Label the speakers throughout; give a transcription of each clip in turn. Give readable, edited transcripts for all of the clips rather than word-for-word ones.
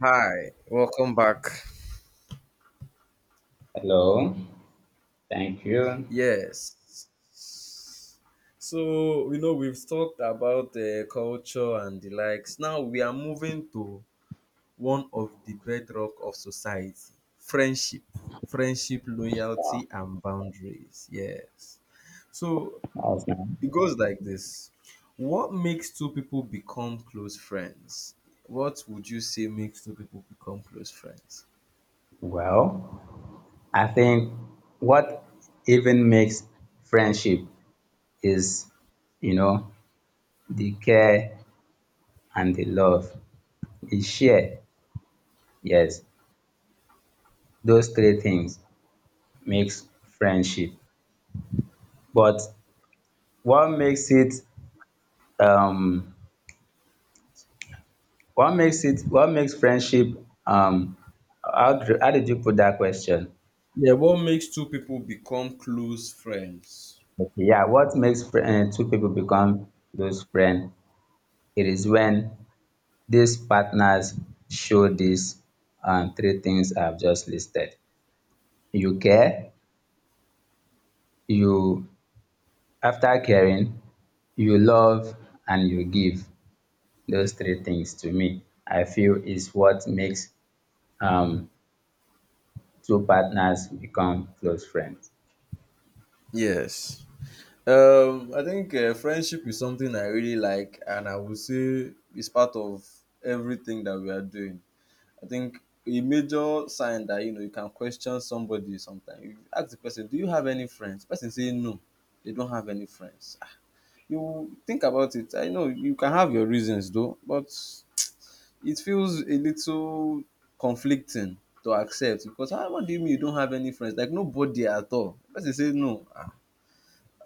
Speaker 1: Hi, welcome back.
Speaker 2: Hello. Thank you.
Speaker 1: Yes. So, you know, we've talked about the culture and the likes. Now we are moving to one of the bedrock of society friendship, friendship,
Speaker 2: Yeah,
Speaker 1: loyalty, and boundaries. Yes. So
Speaker 2: awesome.
Speaker 1: it goes like this. What makes two people become close friends? What would you say makes two people become close friends?
Speaker 2: Well, I think what even makes friendship is, you know, the care and the love, the share. Yes, those three things makes friendship. But what makes it um what makes it what makes friendship um how, how did you put that question?
Speaker 1: Yeah, what makes two people become close friends?
Speaker 2: Yeah, what makes two people become those friends? It is when these partners show these three things I've just listed. You care, you, after caring, you love, and you give. Those three things to me, I feel is what makes um, two partners become close friends.
Speaker 1: Yes. I think friendship is something I really like, and I would say it's part of everything that we are doing. I think a major sign that you know you can question somebody sometimes. You ask the person, "Do you have any friends?" The person say, "No, they don't have any friends." Ah, you think about it. I know you can have your reasons though, but it feels a little conflicting to accept because ah, what do you mean you don't have any friends? Like nobody at all. The person say, "No, ah,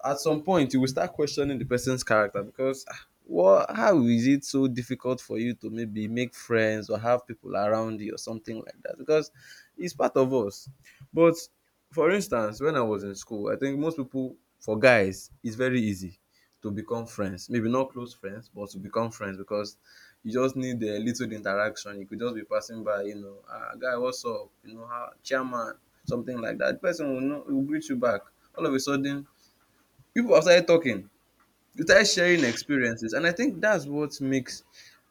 Speaker 1: at some point you will start questioning the person's character because ah, what how is it so difficult for you to maybe make friends or have people around you or something like that because it's part of us, but for instance when I was in school, I think most people, for guys it's very easy to become friends, maybe not close friends but to become friends, because you just need a little interaction. You could just be passing by, you know, ah guy, what's up, you know, how chairman, something like that. The person will know, will greet you back. All of a sudden, people have started talking, we started sharing experiences, and I think that's what makes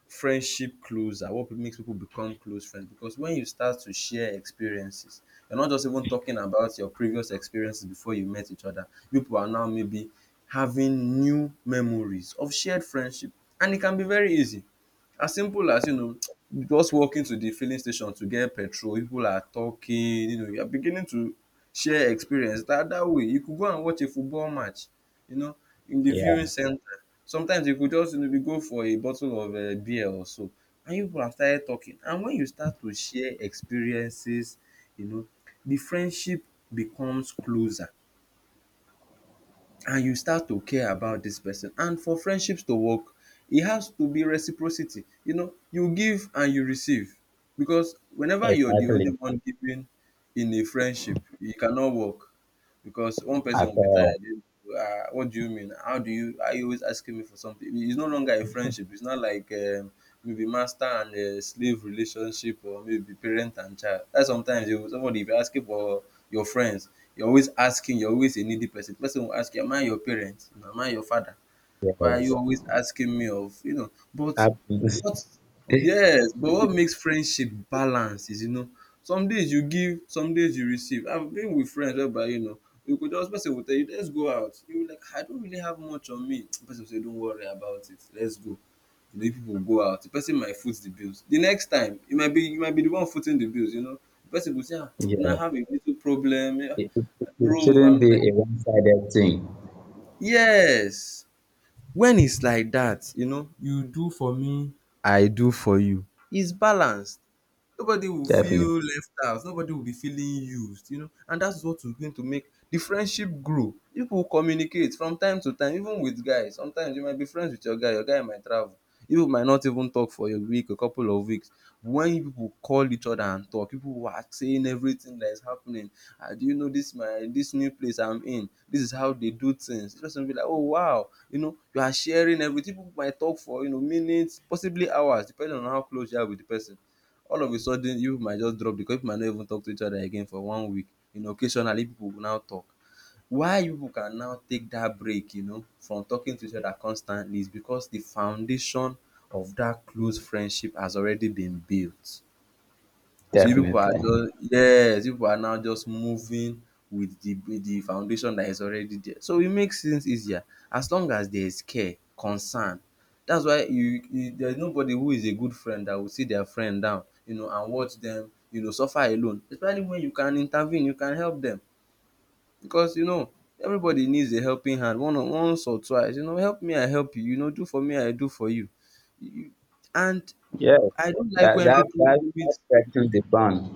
Speaker 1: friendship closer, what makes people become close friends. Because when you start to share experiences, you're not just even talking about your previous experiences before you met each other, people are now maybe having new memories of shared friendship. And it can be very easy. As simple as, you know, just walking to the filling station to get petrol, people are talking, you know, you are beginning to share experience. That way, you could go and watch a football match, you know, in the viewing
Speaker 2: Yeah,
Speaker 1: center. Sometimes you could just, you know, go for a bottle of beer or so, and you people have started talking. And when you start to share experiences, you know, the friendship becomes closer. And you start to care about this person, and for friendships to work it has to be reciprocity, you know, you give and you receive. Because whenever you're the only
Speaker 2: exactly.
Speaker 1: one giving in a friendship, it cannot work, because one person will
Speaker 2: After
Speaker 1: be
Speaker 2: all,
Speaker 1: tired. You, ah, what do you mean, how do you, are you always asking me for something? It's no longer a friendship. It's not like maybe master and slave relationship, or maybe parent and child, that sometimes you, somebody, if you ask, asking for your friends, you're always asking, you're always a needy person. Person will ask you, am I your parent? No, am I your father? Why are you
Speaker 2: yes.
Speaker 1: always asking me of, you know? But what,
Speaker 2: Absolutely.
Speaker 1: yes, but what makes friendship balance is, you know, some days you give, some days you receive. I've been with friends whereby, you know, you could just, person will tell you, let's go out. You'll like, I don't really have much on me. The person will say, don't worry about it, let's go. You know, people will go out. The person might foot the bills. The next time, you might be, you might be the one footing the bills, you know. The person will say, ah, you know, I
Speaker 2: Yeah,
Speaker 1: have a little problem. Yeah,
Speaker 2: it, it, it
Speaker 1: bro,
Speaker 2: shouldn't
Speaker 1: I'm
Speaker 2: be
Speaker 1: like,
Speaker 2: a one-sided thing.
Speaker 1: yes. When it's like that, you know, you do for me, I do for you. It's balanced. Nobody will
Speaker 2: Definitely,
Speaker 1: feel left out, nobody will be feeling used, you know, and that is what is going to make the friendship grow. People will communicate from time to time. Even with guys, sometimes you might be friends with your guy, your guy might travel, you might not even talk for a week, a couple of weeks. When you people call each other and talk, people who are saying everything that is happening, ah do you know this my this new place I'm in, this is how they do things, the person be like oh wow, you know, you are sharing everything. People might talk for, you know, minutes, possibly hours, depending on how close you are with the person. All of a sudden, you people might just drop, because people might not even talk to each other again for one week. You know, occasionally people will now talk. Why you people can now take that break, you know, from talking to each other constantly, is because the foundation of that close friendship has already been built. So you people are
Speaker 2: definitely.
Speaker 1: just, yes, you people are now just moving with the foundation that is already there. So it makes things easier, as long as there is care, concern. That's why you, you, there is nobody who is a good friend that will sit their friend down, you know, and watch them, you know, suffer alone. Especially when you can intervene, you can help them, because you know everybody needs a helping hand one or once or twice. You know, help me, I help you. You know, do for me, I do for you. You, and
Speaker 2: Yes,
Speaker 1: I don't like
Speaker 2: that
Speaker 1: when
Speaker 2: that
Speaker 1: people
Speaker 2: that
Speaker 1: limit.
Speaker 2: that stretches the bond.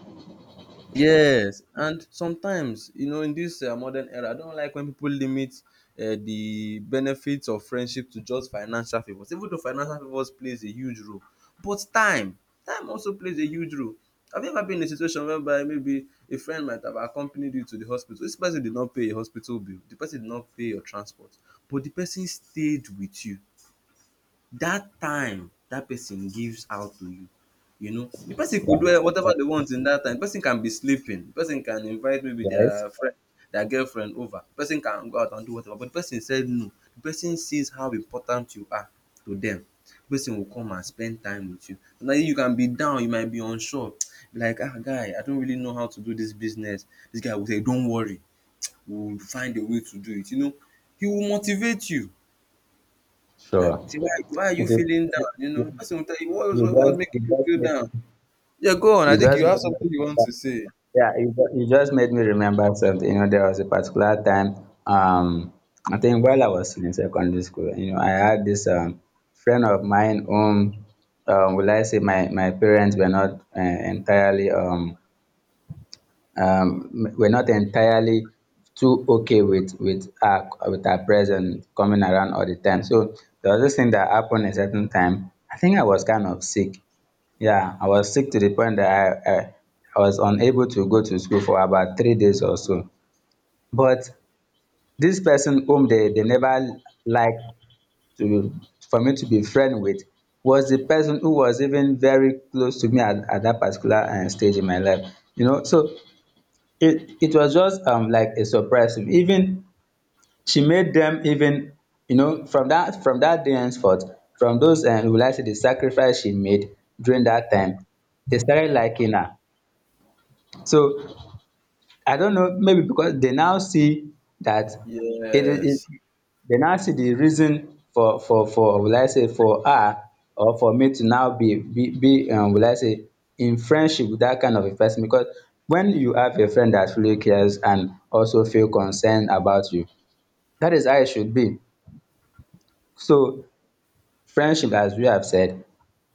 Speaker 1: Yes, and sometimes, you know, in this modern era, I don't like when people limit the benefits of friendship to just financial favors. Even though financial favors plays a huge role, but time, time also plays a huge role. Have you ever been in a situation whereby maybe a friend might have accompanied you to the hospital? This person did not pay your hospital bill. The person did not pay your transport, but the person stayed with you. That time that person gives out to you, you know, the person could
Speaker 2: Yeah,
Speaker 1: do whatever they want. In that time the person can be sleeping, the person can invite maybe
Speaker 2: right.
Speaker 1: their friend, their girlfriend over, the person can go out and do whatever, but the person said no, the person sees how important you are to them, the person will come and spend time with you. So now you can be down, you might be unsure, be like ah guy, I don't really know how to do this business, this guy will say don't worry, we will find a way to do it, you know, he will motivate you. You
Speaker 2: Sure.
Speaker 1: say, why are you
Speaker 2: You,
Speaker 1: feeling
Speaker 2: you,
Speaker 1: down? You know, person will tell you what was,
Speaker 2: you
Speaker 1: what's
Speaker 2: just you
Speaker 1: making you
Speaker 2: just
Speaker 1: feel down? Yeah, go on. I
Speaker 2: you
Speaker 1: think
Speaker 2: just
Speaker 1: you
Speaker 2: made
Speaker 1: have
Speaker 2: me
Speaker 1: something you want to
Speaker 2: remember.
Speaker 1: say.
Speaker 2: Yeah, you just made me remember something. You know, there was a particular time. Um, I think while I was still in secondary school, you know, I had this friend of mine whom, will I say my parents were not entirely are not entirely too okay with with our presence coming around all the time. So there was this thing that happened a certain time. I think I was kind of sick. Yeah, I was sick to the point that I I, I was unable to go to school for about 3 days or so. But this person whom they never liked to for me to be friend with was the person who was even very close to me at that particular stage in my life. You know, so it was just like a surprise to me. Even she made them even, you know, from that day henceforth, from those, and will I say the sacrifice she made during that time, they started liking her. So I don't know, maybe because they now see that it is it,
Speaker 1: Yes,
Speaker 2: they now see the reason for will I say for her or for me to now be will I say in friendship with that kind of a person. Because when you have a friend that really cares and also feel concerned about you, that is how it should be. So friendship, as we have said,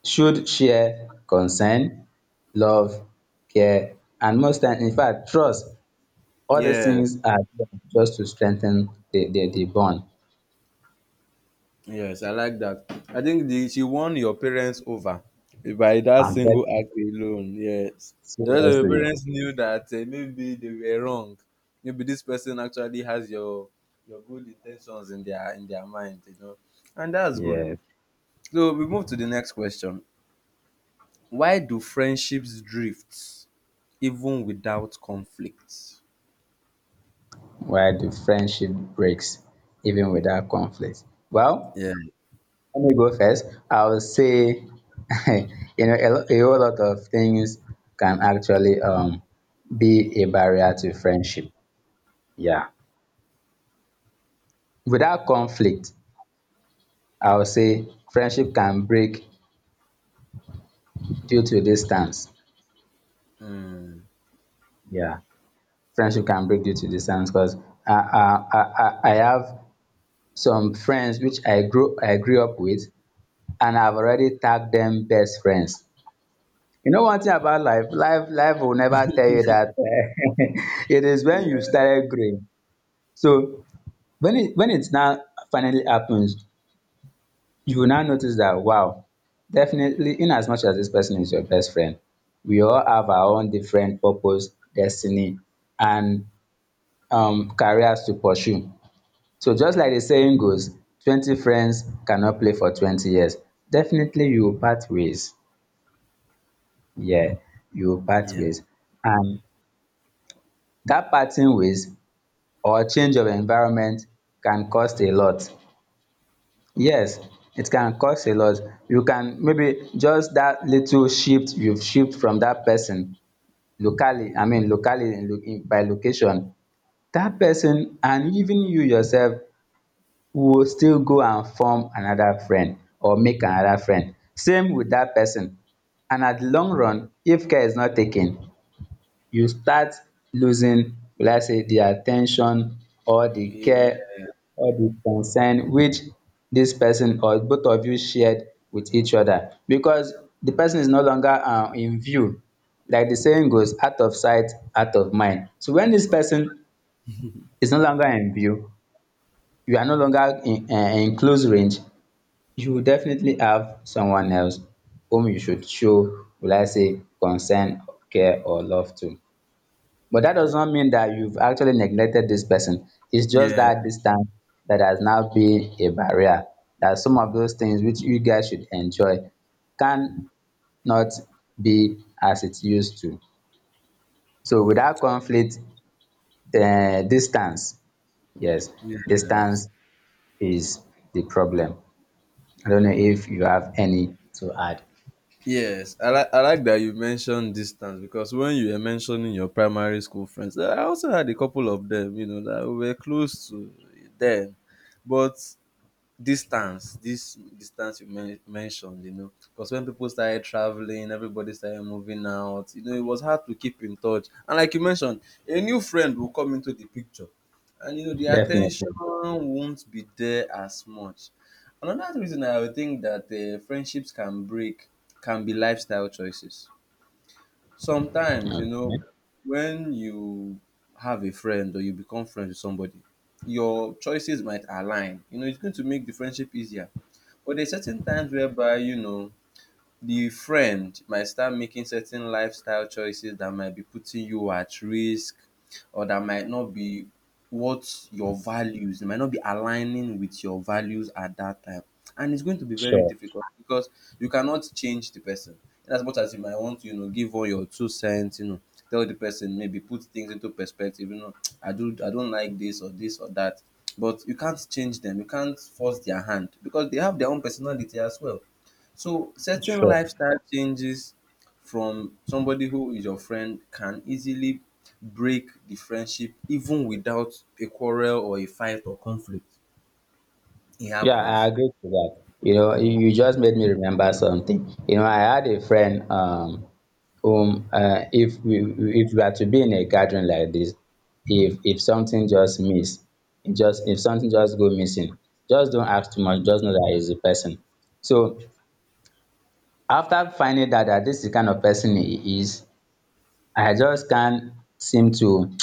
Speaker 2: should share concern, love, care, and most times, in fact, trust. Other
Speaker 1: yes,
Speaker 2: things are there just to strengthen the bond
Speaker 1: yes. I like that. I think the, she won your parents over by that
Speaker 2: and help
Speaker 1: single act alone. Yes, the rest of your
Speaker 2: seriously.
Speaker 1: parents knew that maybe they were wrong. Maybe this person actually has your good intentions in their, in their mind. You know, and that's good.
Speaker 2: Yes.
Speaker 1: So we move to the next question. Why do friendships drift? Even without conflict.
Speaker 2: Why the friendship breaks even without conflict. Well,
Speaker 1: Yeah.
Speaker 2: let me go first. I will say, you know, a whole lot of things can actually be a barrier to friendship. Yeah. Without conflict, I will say friendship can break due to distance.
Speaker 1: Mm.
Speaker 2: Friendship can break due to distance because I have some friends which I grew up with, and I've already tagged them best friends. You know one thing about life, life will never tell you that it is when
Speaker 1: Yeah.
Speaker 2: you started growing. So when it now finally happens, you will now notice that wow, definitely, in as much as this person is your best friend, we all have our own different purpose, destiny, and careers to pursue. So just like the saying goes, 20 friends cannot play for 20 years. Definitely you will part ways. Yeah, you will part
Speaker 1: Yeah.
Speaker 2: ways. And that parting ways or change of environment can cost a lot. Yes, it can cost a lot. You can maybe just that little shift you've shift from that person locally, I mean locally by location, that person and even you yourself, we go still go and form another friend or make another friend same with that person. And at the long run, if care is not taken, you start losing, let's say, the attention or the
Speaker 1: Yeah.
Speaker 2: care or the concern which this person or both of you shared with each other, because the person is no longer in view. Like the saying goes, out of sight out of mind. So when this person is no longer in view, you are no longer in close range, you will definitely have someone else whom you should show, will I say, concern, care, or love to. But that does not mean that you've actually neglected this person. It's just that distance that has now been a barrier. That some of those things which you guys should enjoy can not be as it used to. So without conflict, the distance, yes,
Speaker 1: Yes.
Speaker 2: distance is the problem. I don't know if you have any to add.
Speaker 1: Yes. I like, I like that you mentioned distance, because when you were mentioning your primary school friends, I also had a couple of them, you know, that were close to them. But distance, this distance you mentioned, you know, because when people started traveling, everybody started moving out, you know, it was hard to keep in touch. And like you mentioned, a new friend will come into the picture, and you know the
Speaker 2: Definitely.
Speaker 1: attention won't be there as much. Another reason I would think that friendships can break can be lifestyle choices. Sometimes, you
Speaker 2: Okay.
Speaker 1: know, when you have a friend, or you become friends with somebody, your choices might align, you know, it's going to make the friendship easier. But there are certain times whereby, you know, the friend might start making certain lifestyle choices that might be putting you at risk, or that might not be what your values, it might not be aligning with your values at that time. And it's going to be very
Speaker 2: Sure,
Speaker 1: difficult, because you cannot change the person. In as much as you might want to, you know, give all your two cents, you know, tell the person, maybe put things into perspective, you know, I do, I don't like this or this or that. But you can't change them, you can't force their hand because they have their own personality as well. So certain
Speaker 2: sure.
Speaker 1: lifestyle changes from somebody who is your friend can easily break the friendship, even without a quarrel or a fight or conflict. It
Speaker 2: Yeah, I
Speaker 1: happens.
Speaker 2: agree to that. You know, you just made me remember something. You know, I had a friend whom if we, if we are to be in a gathering like this, if something just miss, it just if something just go missing, just don't ask too much, just know that he's a person. So after finding that this is the kind of person he is, I just can't seem to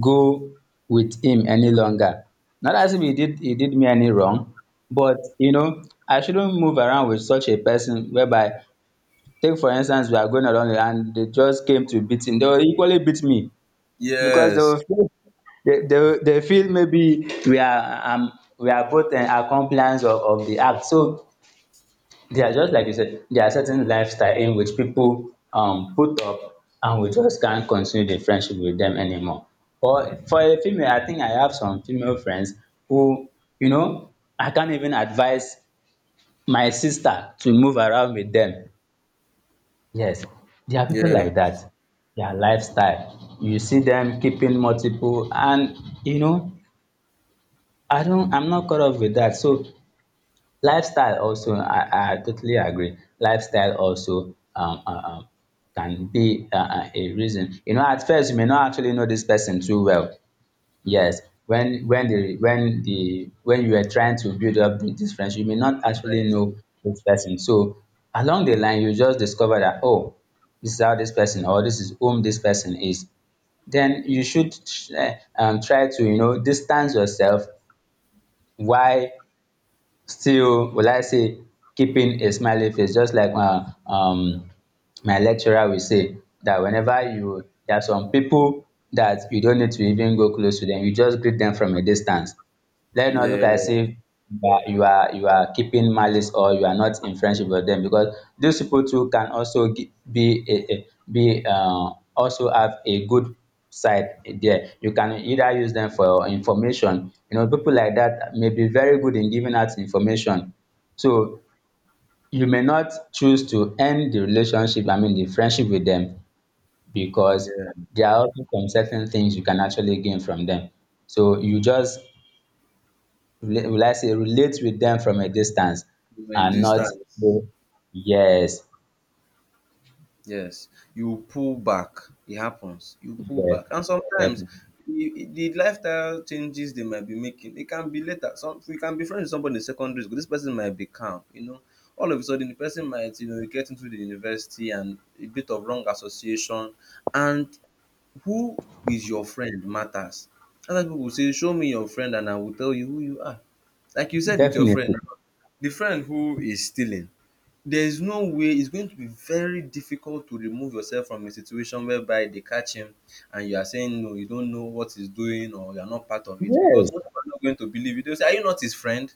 Speaker 2: go with him any longer. Not as if he did me any wrong, but you know, I shouldn't move around with such a person whereby, take for instance, we are going along and they just came to beat him, they will equally beat me. Because they will
Speaker 1: Yes.
Speaker 2: feel, they feel maybe we are both accompliance of the act. So they are, just like you said, there are certain lifestyle in which people put up and we just can't continue the friendship with them anymore. Or for a female, I think I have some female friends who, you know, I can't even advise my sister to move around with them. Yes, there are people like
Speaker 1: Yes.
Speaker 2: that. Their lifestyle. You see them keeping multiple and, you know, I don't, I'm not caught up with that. So lifestyle also, I totally agree, lifestyle also can be a reason. You know, at first you may not actually know this person too well. Yes, when the when the when you are trying to build up this friendship, you may not actually know this person. So along the line you just discover that, oh, this is how this person or this is whom this person is. Then you should uh, try to, you know, distance yourself, why still, will I say, keeping a smiling face. Just like my my lecturer will say, that whenever you, there are some people that you don't need to even go close to them, you just greet them from a distance. Let it not look
Speaker 1: Yeah.
Speaker 2: as if you are keeping malice or you are not in friendship with them, because these people too can also be also have a good side. There you can either use them for information, you know, people like that may be very good in giving out information. So you may not choose to end the relationship, I mean the friendship with them, because
Speaker 1: Yeah.
Speaker 2: there are also some certain things you can actually gain from them. So you just will I say relate with them from a distance
Speaker 1: The
Speaker 2: and not
Speaker 1: distance.
Speaker 2: go, yes,
Speaker 1: Yes, you pull back. It happens. You pull
Speaker 2: yes,
Speaker 1: back, and sometimes
Speaker 2: definitely.
Speaker 1: the lifestyle changes they might be making. It can be later. Some We can be friends with somebody in secondary school. This person might be calm. All of a sudden, the person might get into the university and a bit of wrong association, and who is your friend matters. Other people say, "Show me your friend, and I will tell you who you are." Like you said with your
Speaker 2: Definitely.
Speaker 1: friend, the friend who is stealing, there is no way — it's going to be very difficult to remove yourself from a situation whereby they catch him and you are saying no, you don't know what he's doing or you're not part of it because
Speaker 2: Yes.
Speaker 1: most people are not going to believe you. They'll say, "Are you not his friend?"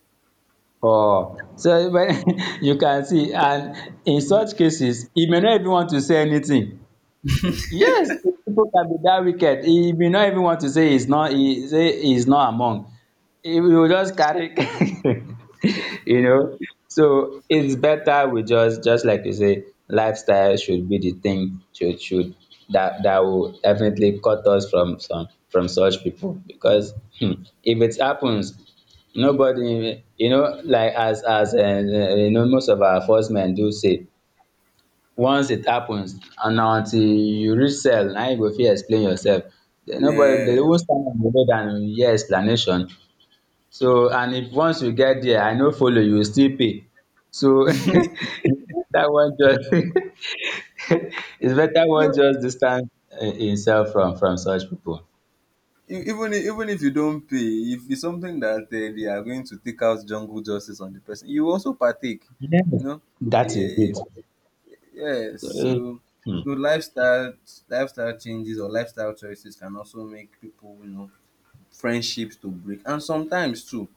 Speaker 2: Oh, so when you can see, and in
Speaker 1: Mhm.
Speaker 2: such cases, he may not even want to say anything. Yes, people can be that wicked. He may not even want to say he's not. He say he's not among. He will just carry, you know. So it's better we just like you say, lifestyle should be the thing, should that will definitely cut us from some, from such people. Because hmm, if it happens, nobody, you know, like as you know, most of our first men do say, once it happens and na until you reach cell na you go fit explain yourself, den nobody dey
Speaker 1: Yes.
Speaker 2: even stand on your head and you hear explanation. So and if once you get there I no follow, you will still pay. So dat one just it's better one
Speaker 1: You,
Speaker 2: just distance himself from such people.
Speaker 1: you, even if you don't pay, if it's something that they are going to take out jungle justice on the person, you also partake.
Speaker 2: Yes,
Speaker 1: You know.
Speaker 2: that is
Speaker 1: Yeah.
Speaker 2: it.
Speaker 1: Yes.
Speaker 2: So
Speaker 1: So
Speaker 2: um
Speaker 1: lifestyle changes or lifestyle choices can also make people friendships to break, and sometimes too,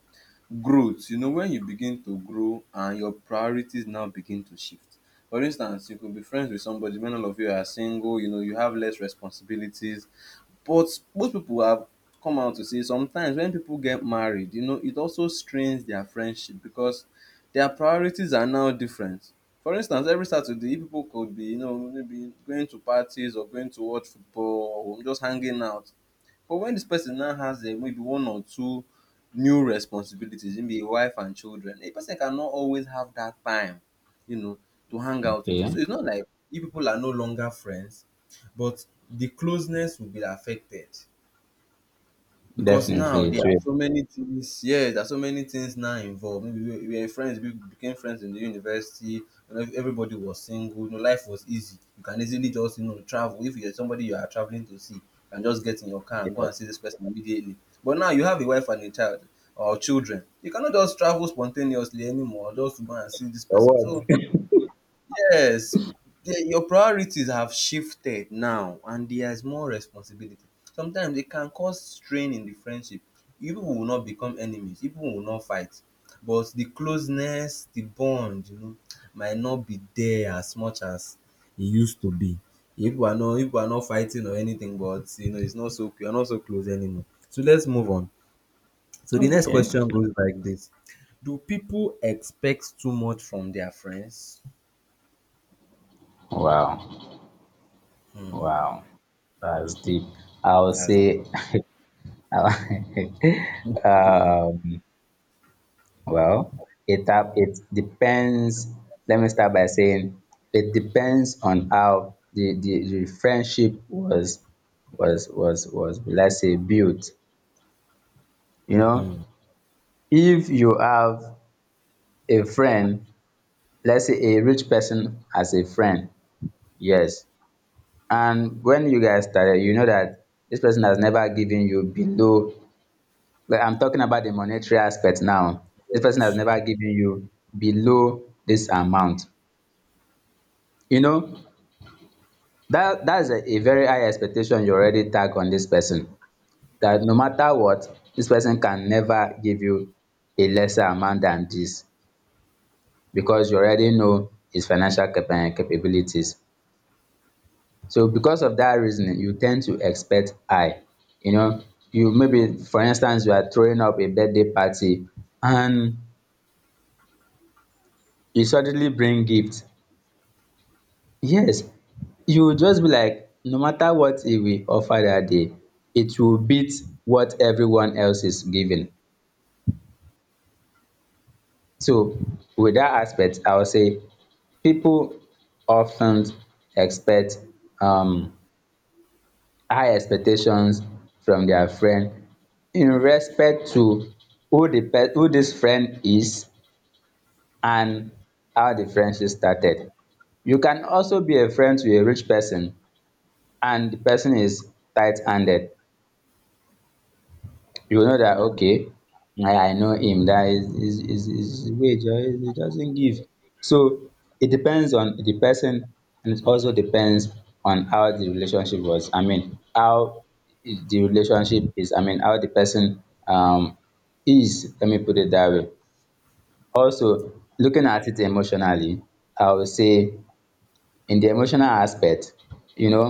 Speaker 1: growth, when you begin to grow and your priorities now begin to shift. For instance, you could be friends with somebody when all of you are single. You have less responsibilities, but most people have come out to say sometimes when people get married, it also strains their friendship because their priorities are now different. For instance, every Saturday people could be, maybe going to parties or going to watch football or just hanging out. But when this person now has maybe one or two new responsibilities, maybe a wife and children, a person cannot always have that time, you know, to hang out with you. So
Speaker 2: okay,
Speaker 1: it's not like you people are no longer friends, but the closeness will be affected. Because now
Speaker 2: definitely
Speaker 1: there
Speaker 2: it
Speaker 1: are
Speaker 2: will.
Speaker 1: so many things, yes, there are so many things now involved. Maybe we were friends, we became friends in the university. You know, everybody was single. You know, life was easy. You can easily just travel. If you're somebody you are traveling to see, you can just get in your car and go
Speaker 2: Yes,
Speaker 1: and see this person immediately. But now you have a wife and a child or children. You cannot just travel spontaneously anymore, just to go and see this
Speaker 2: but
Speaker 1: person. So
Speaker 2: what?
Speaker 1: yes, the your priorities have shifted now, and there's more responsibility. Sometimes it can cause strain in the friendship. You people will not become enemies, you people will not fight, but the closeness, the bond, you know, might not be there as much as it used to be. You people are not fighting or anything, but you know, it's not so — you're not so close anymore. So let's move on. So the next
Speaker 2: Okay.
Speaker 1: question goes like this. Do people expect too much from their friends?
Speaker 2: Wow,
Speaker 1: Hmm,
Speaker 2: wow. That's deep. I would
Speaker 1: that's
Speaker 2: say, um, well, it depends. Let me start by saying it depends on how the friendship was was, let's say, built. You know,
Speaker 1: hmm.
Speaker 2: if you have a friend, let's say a rich person as a friend, yes. And when you guys started, you know that this person has never given you below, like, I'm talking about the monetary aspect now, this person has
Speaker 1: Yes.
Speaker 2: never given you below this amount. You know that that's a very high expectation you already tag on this person, that no matter what, this person can never give you a lesser amount than this, because you already know his financial capabilities. So because of that reasoning, you tend to expect high, you know. You maybe, for instance, you are throwing up a birthday party and you suddenly bring gifts. Yes, you will just be like, no matter what he will offer that day, it will beat what everyone else is giving. So, with that aspect, I would say people often expect um, high expectations from their friend, in respect to who this friend is and how the friendship started. You can also be a friend to a rich person and the person is tight-handed. You know that,
Speaker 1: Mm.
Speaker 2: okay, I know him, that is wage, or he doesn't give. So it depends on the person, and it also depends on how the relationship was, I mean how the relationship is, I mean how the person is, let me put it that way. Also, looking at it emotionally, I would say, in the emotional aspect, you know,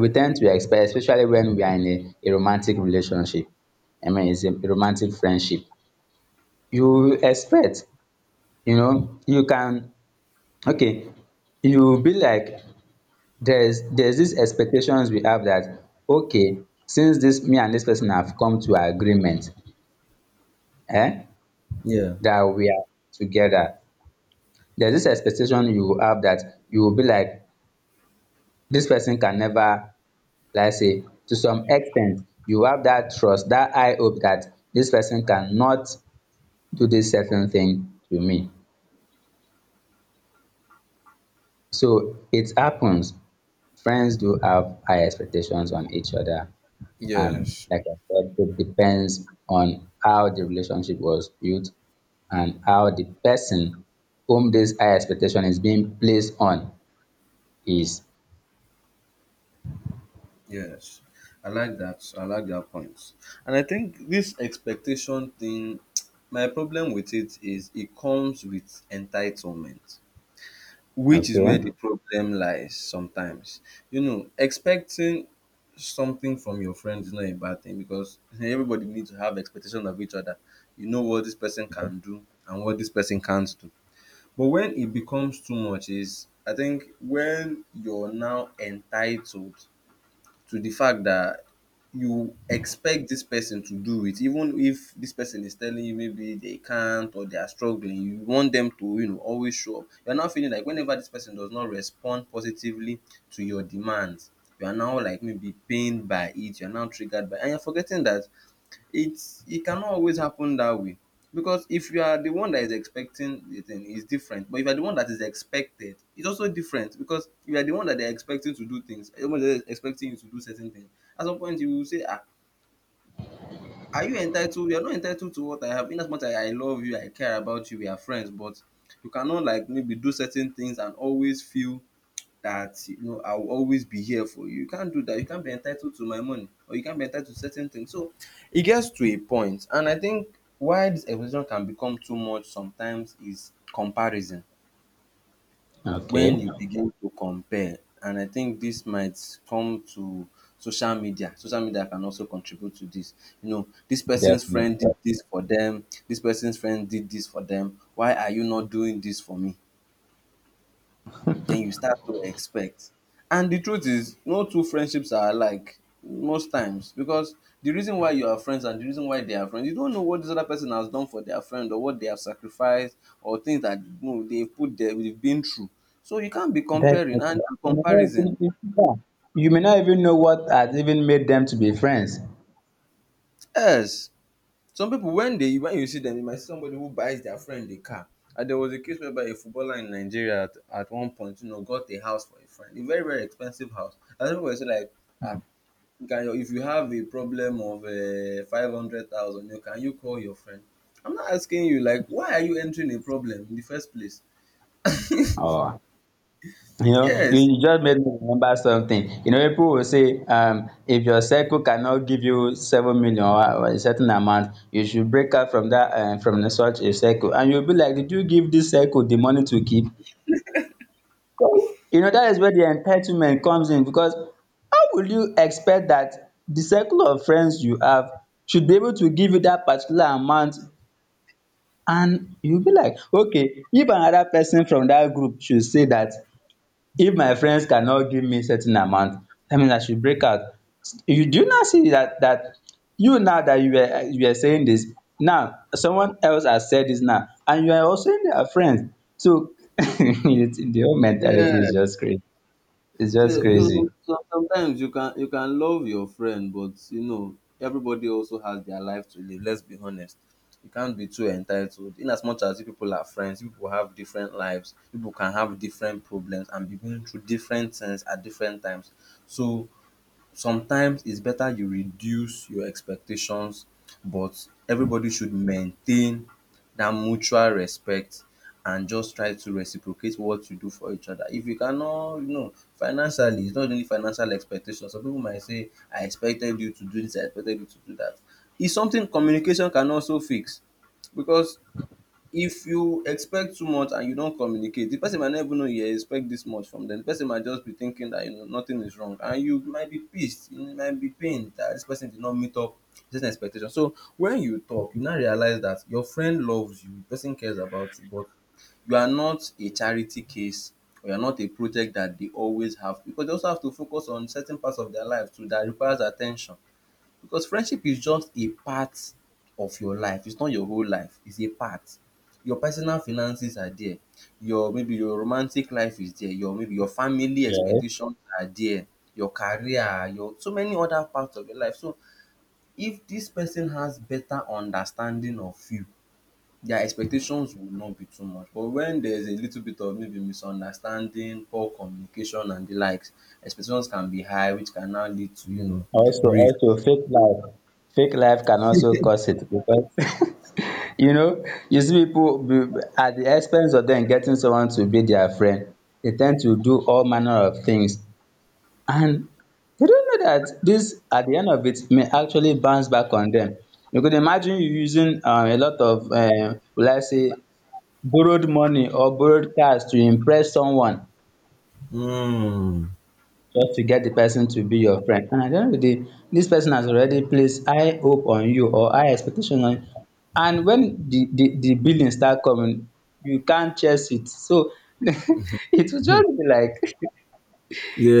Speaker 2: we tend to expect, especially when we are in a romantic relationship, I mean it's a romantic friendship, you expect, you know, you can, okay, you be like, there's these expectations we have that, okay, since this me and this person have come to agreement, eh,
Speaker 1: Yeah.
Speaker 2: that we are together, there's this expectation you will have, that you will be like, this person can never, like I say, to some extent, you have that trust. That high hope that this person cannot do this certain thing to me. So it happens, friends do have high expectations on each other. And
Speaker 1: Yes,
Speaker 2: like I said, it depends on how the relationship was built, and how the person whom this high expectation is being placed on is.
Speaker 1: yes. I like that. I like that point. And I think this expectation thing, my problem with it is it comes with entitlement, which is
Speaker 2: Okay.
Speaker 1: where the problem lies sometimes. You know, expecting something from your friends is not a bad thing because everybody needs to have expectation of each other. You know what this person can do and what this person can't do. But when it becomes too much is, I think, when you're now entitled to the fact that you expect this person to do it even if this person is telling you maybe they can't or they are struggling. You want them to, always show up. You're now feeling like whenever this person does not respond positively to your demands, you are now like maybe pained by it, you're now triggered by, and you're forgetting that it's — it cannot always happen that way, because if you are the one that is expecting the thing, it's different. But if you are the one that is expected, it's also different, because if you are the one that they are expecting to do things, everyone is expecting you to do certain things. At some point you will say, ah, are you entitled? You are not entitled to what I have. In as much as I love you, I care about you, we are friends, but you cannot, like, maybe do certain things and always feel that, I will always be here for you. You can't do that. You can't be entitled to my money, or you can't be entitled to certain things. So it gets to a point, and I think why this expectation can become too much sometimes is comparison. When
Speaker 2: Okay.
Speaker 1: you begin to compare, and I think this might come to social media. Social media can also contribute to this. You know, this person's friend did
Speaker 2: Definitely.
Speaker 1: this for them. This person's friend did this for them. Why are you not doing this for me? Then you start to expect. And the truth is, no two friendships are alike most times, because the reason why you are friends and the reason why they are friends, you don't know what this other person has done for their friend or what they have sacrificed or things that, you know, they've put there, they've been through. So you can't be comparing and
Speaker 2: Definitely. You may not
Speaker 1: comparison.
Speaker 2: even, yeah, you may not even know what has even made them to be friends.
Speaker 1: Yes, some people, when they when you see them, you might see somebody who buys their friend a car. And there was a case whereby a footballer in Nigeria at one point, you know, got a house for a friend, a very very expensive house. And people were saying like, ah, if you have a problem of 500,000, you call your friend? I'm not asking you, like, why are you entering a problem in the first place?
Speaker 2: Or you know,
Speaker 1: Yes.
Speaker 2: you just made me remember something. You know, people will say, if your circle cannot give you 7 million, or a certain amount, you should break out from that from such a circle. And you'll be like, did you give this circle the money to keep? You know, that is where the entitlement comes in, because how will you expect that the circle of friends you have should be able to give you that particular amount. And you be like, okay, if another person from that group should say that, if my friends cannot give me certain amount, that means I should break out. You do, you not see that that you now that you were saying this, now someone else has said this now and you are also in their friends. So it's, the whole
Speaker 1: Yeah.
Speaker 2: mentality is just crazy. It's
Speaker 1: So,
Speaker 2: just
Speaker 1: so
Speaker 2: crazy.
Speaker 1: so sometimes you can love your friend, but you know everybody also has their life to live. Let's be honest. You can't be too entitled. In as much as you people are friends, you people have different lives. People can have different problems and be going through different things at different times. So sometimes it's better you reduce your expectations, but everybody should maintain that mutual respect and just try to reciprocate what you do for each other. If you cannot, you know, financially — it's not only financial expectations. Some people might say, I expected you to do this, I expected you to do that. It's something communication can also fix, because if you expect too much and you don't communicate, the person might not even know you expect this much from them. The person might just be thinking that, you know, nothing is wrong, and you might be pissed, you might be pained that this person did not meet up this expectation. So when you talk, you now realize that your friend loves you, the person cares about you, but you are not a charity case or you are not a project that they always have, because they also have to focus on certain parts of their life too that requires attention. Because friendship is just a part of your life. It's not your whole life. It's a part. Your personal finances are there. Your — maybe your romantic life is there. Your — maybe your family
Speaker 2: Yeah.
Speaker 1: expectations are there. Your career, your so many other parts of your life. So if this person has better understanding of you, their expectations will not be too much. But when there's a little bit of maybe misunderstanding, poor communication, and the likes, expectations can be high, which can now lead to, you know,
Speaker 2: Also,
Speaker 1: rift.
Speaker 2: also fake life. Fake life can also cause it because you know, you see at the expense of them getting someone to be their friend, they tend to do all manner of things. And they don't know that this, at the end of it, may actually bounce back on them. You could imagine you using a lot of, will I say, borrowed money or borrowed cars to impress someone,
Speaker 1: Hmm.
Speaker 2: just to get the person to be your friend. And at the end of the day, this person has already placed high hope on you, or high expectation on you. And when the billing start coming, you can't chase it. So it will just be like, it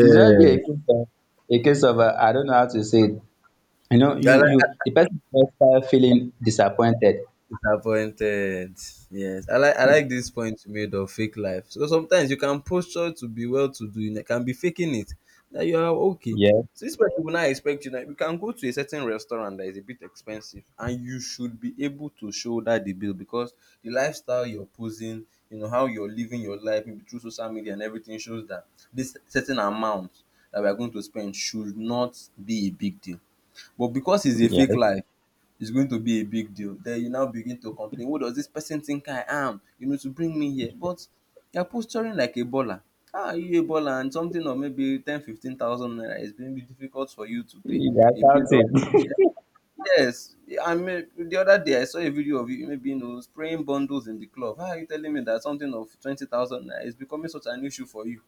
Speaker 2: will just be a case of I don't know how to say it. You know,
Speaker 1: I
Speaker 2: you
Speaker 1: like —
Speaker 2: you the person will just start feeling disappointed.
Speaker 1: disappointed. Yes, I like this point you made of fake life. So sometimes you can posture to be well to do, you can be faking it that you are okay.
Speaker 2: Yes,
Speaker 1: So this person will not expect you that you can go to a certain restaurant that is a bit expensive and you should be able to shoulder the bill, because the lifestyle you're posing, you know, how you're living your life, maybe through social media and everything, shows that this certain amount that we are going to spend should not be a big deal. But because it's a fake
Speaker 2: yes.
Speaker 1: life, it's going to be a big deal. Then you now begin to complain, who does this person think I am, you know, to bring me here? But you're posturing like a baller. How are you a baller and something of maybe ten, fifteen thousand naira is going to be difficult for you to pay?
Speaker 2: That's
Speaker 1: A
Speaker 2: how
Speaker 1: bill of —
Speaker 2: it.
Speaker 1: yes. I mean, the other day I saw a video of you maybe, you know, spraying bundles in the club. How are you telling me that something of 20,000 naira is becoming such an issue for you?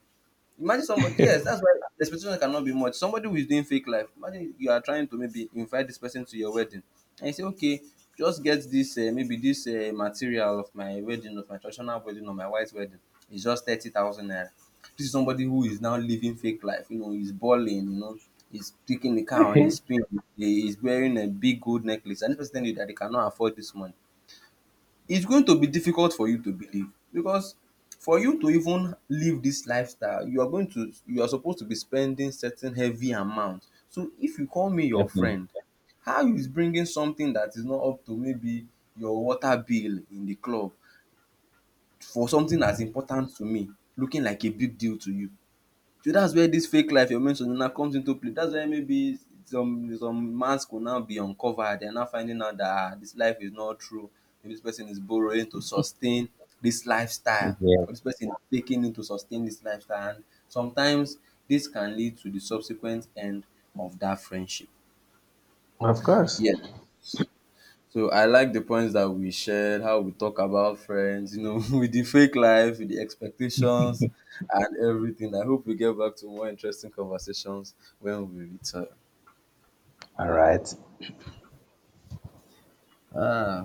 Speaker 1: Imagine somebody, yes, that's why the expectation cannot be much. Somebody who is doing fake life. Imagine you are trying to maybe invite this person to your wedding, and you say, okay, just get this maybe this material of my wedding, of my traditional wedding, or my white wedding. It's just 30,000 naira. This is somebody who is now living fake life. You know, he's balling. You know, he's taking the car on his spin. He's wearing a big gold necklace, and this person telling you that they cannot afford this money. It's going to be difficult for you to believe, because for you to even live this lifestyle, you are going to — you are supposed to be spending certain heavy amount. So if you call me your
Speaker 2: Definitely.
Speaker 1: friend, how is bringing something that is not up to maybe your water bill in the club for something as important to me looking like a big deal to you? So that's where this fake life you're mentioning now comes into play. That's where maybe some mask will now be uncovered. They're now finding out that ah, this life is not true. Maybe this person is borrowing to sustain this lifestyle,
Speaker 2: Yes.
Speaker 1: or this person is taking it to sustain this lifestyle. And sometimes this can lead to the subsequent end of that friendship.
Speaker 2: Of course.
Speaker 1: Yes. So I like the points that we shared, how we talk about friends, you know, with the fake life, with the expectations and everything. I hope we get back to more interesting conversations when we return.
Speaker 2: All right.
Speaker 1: Ah.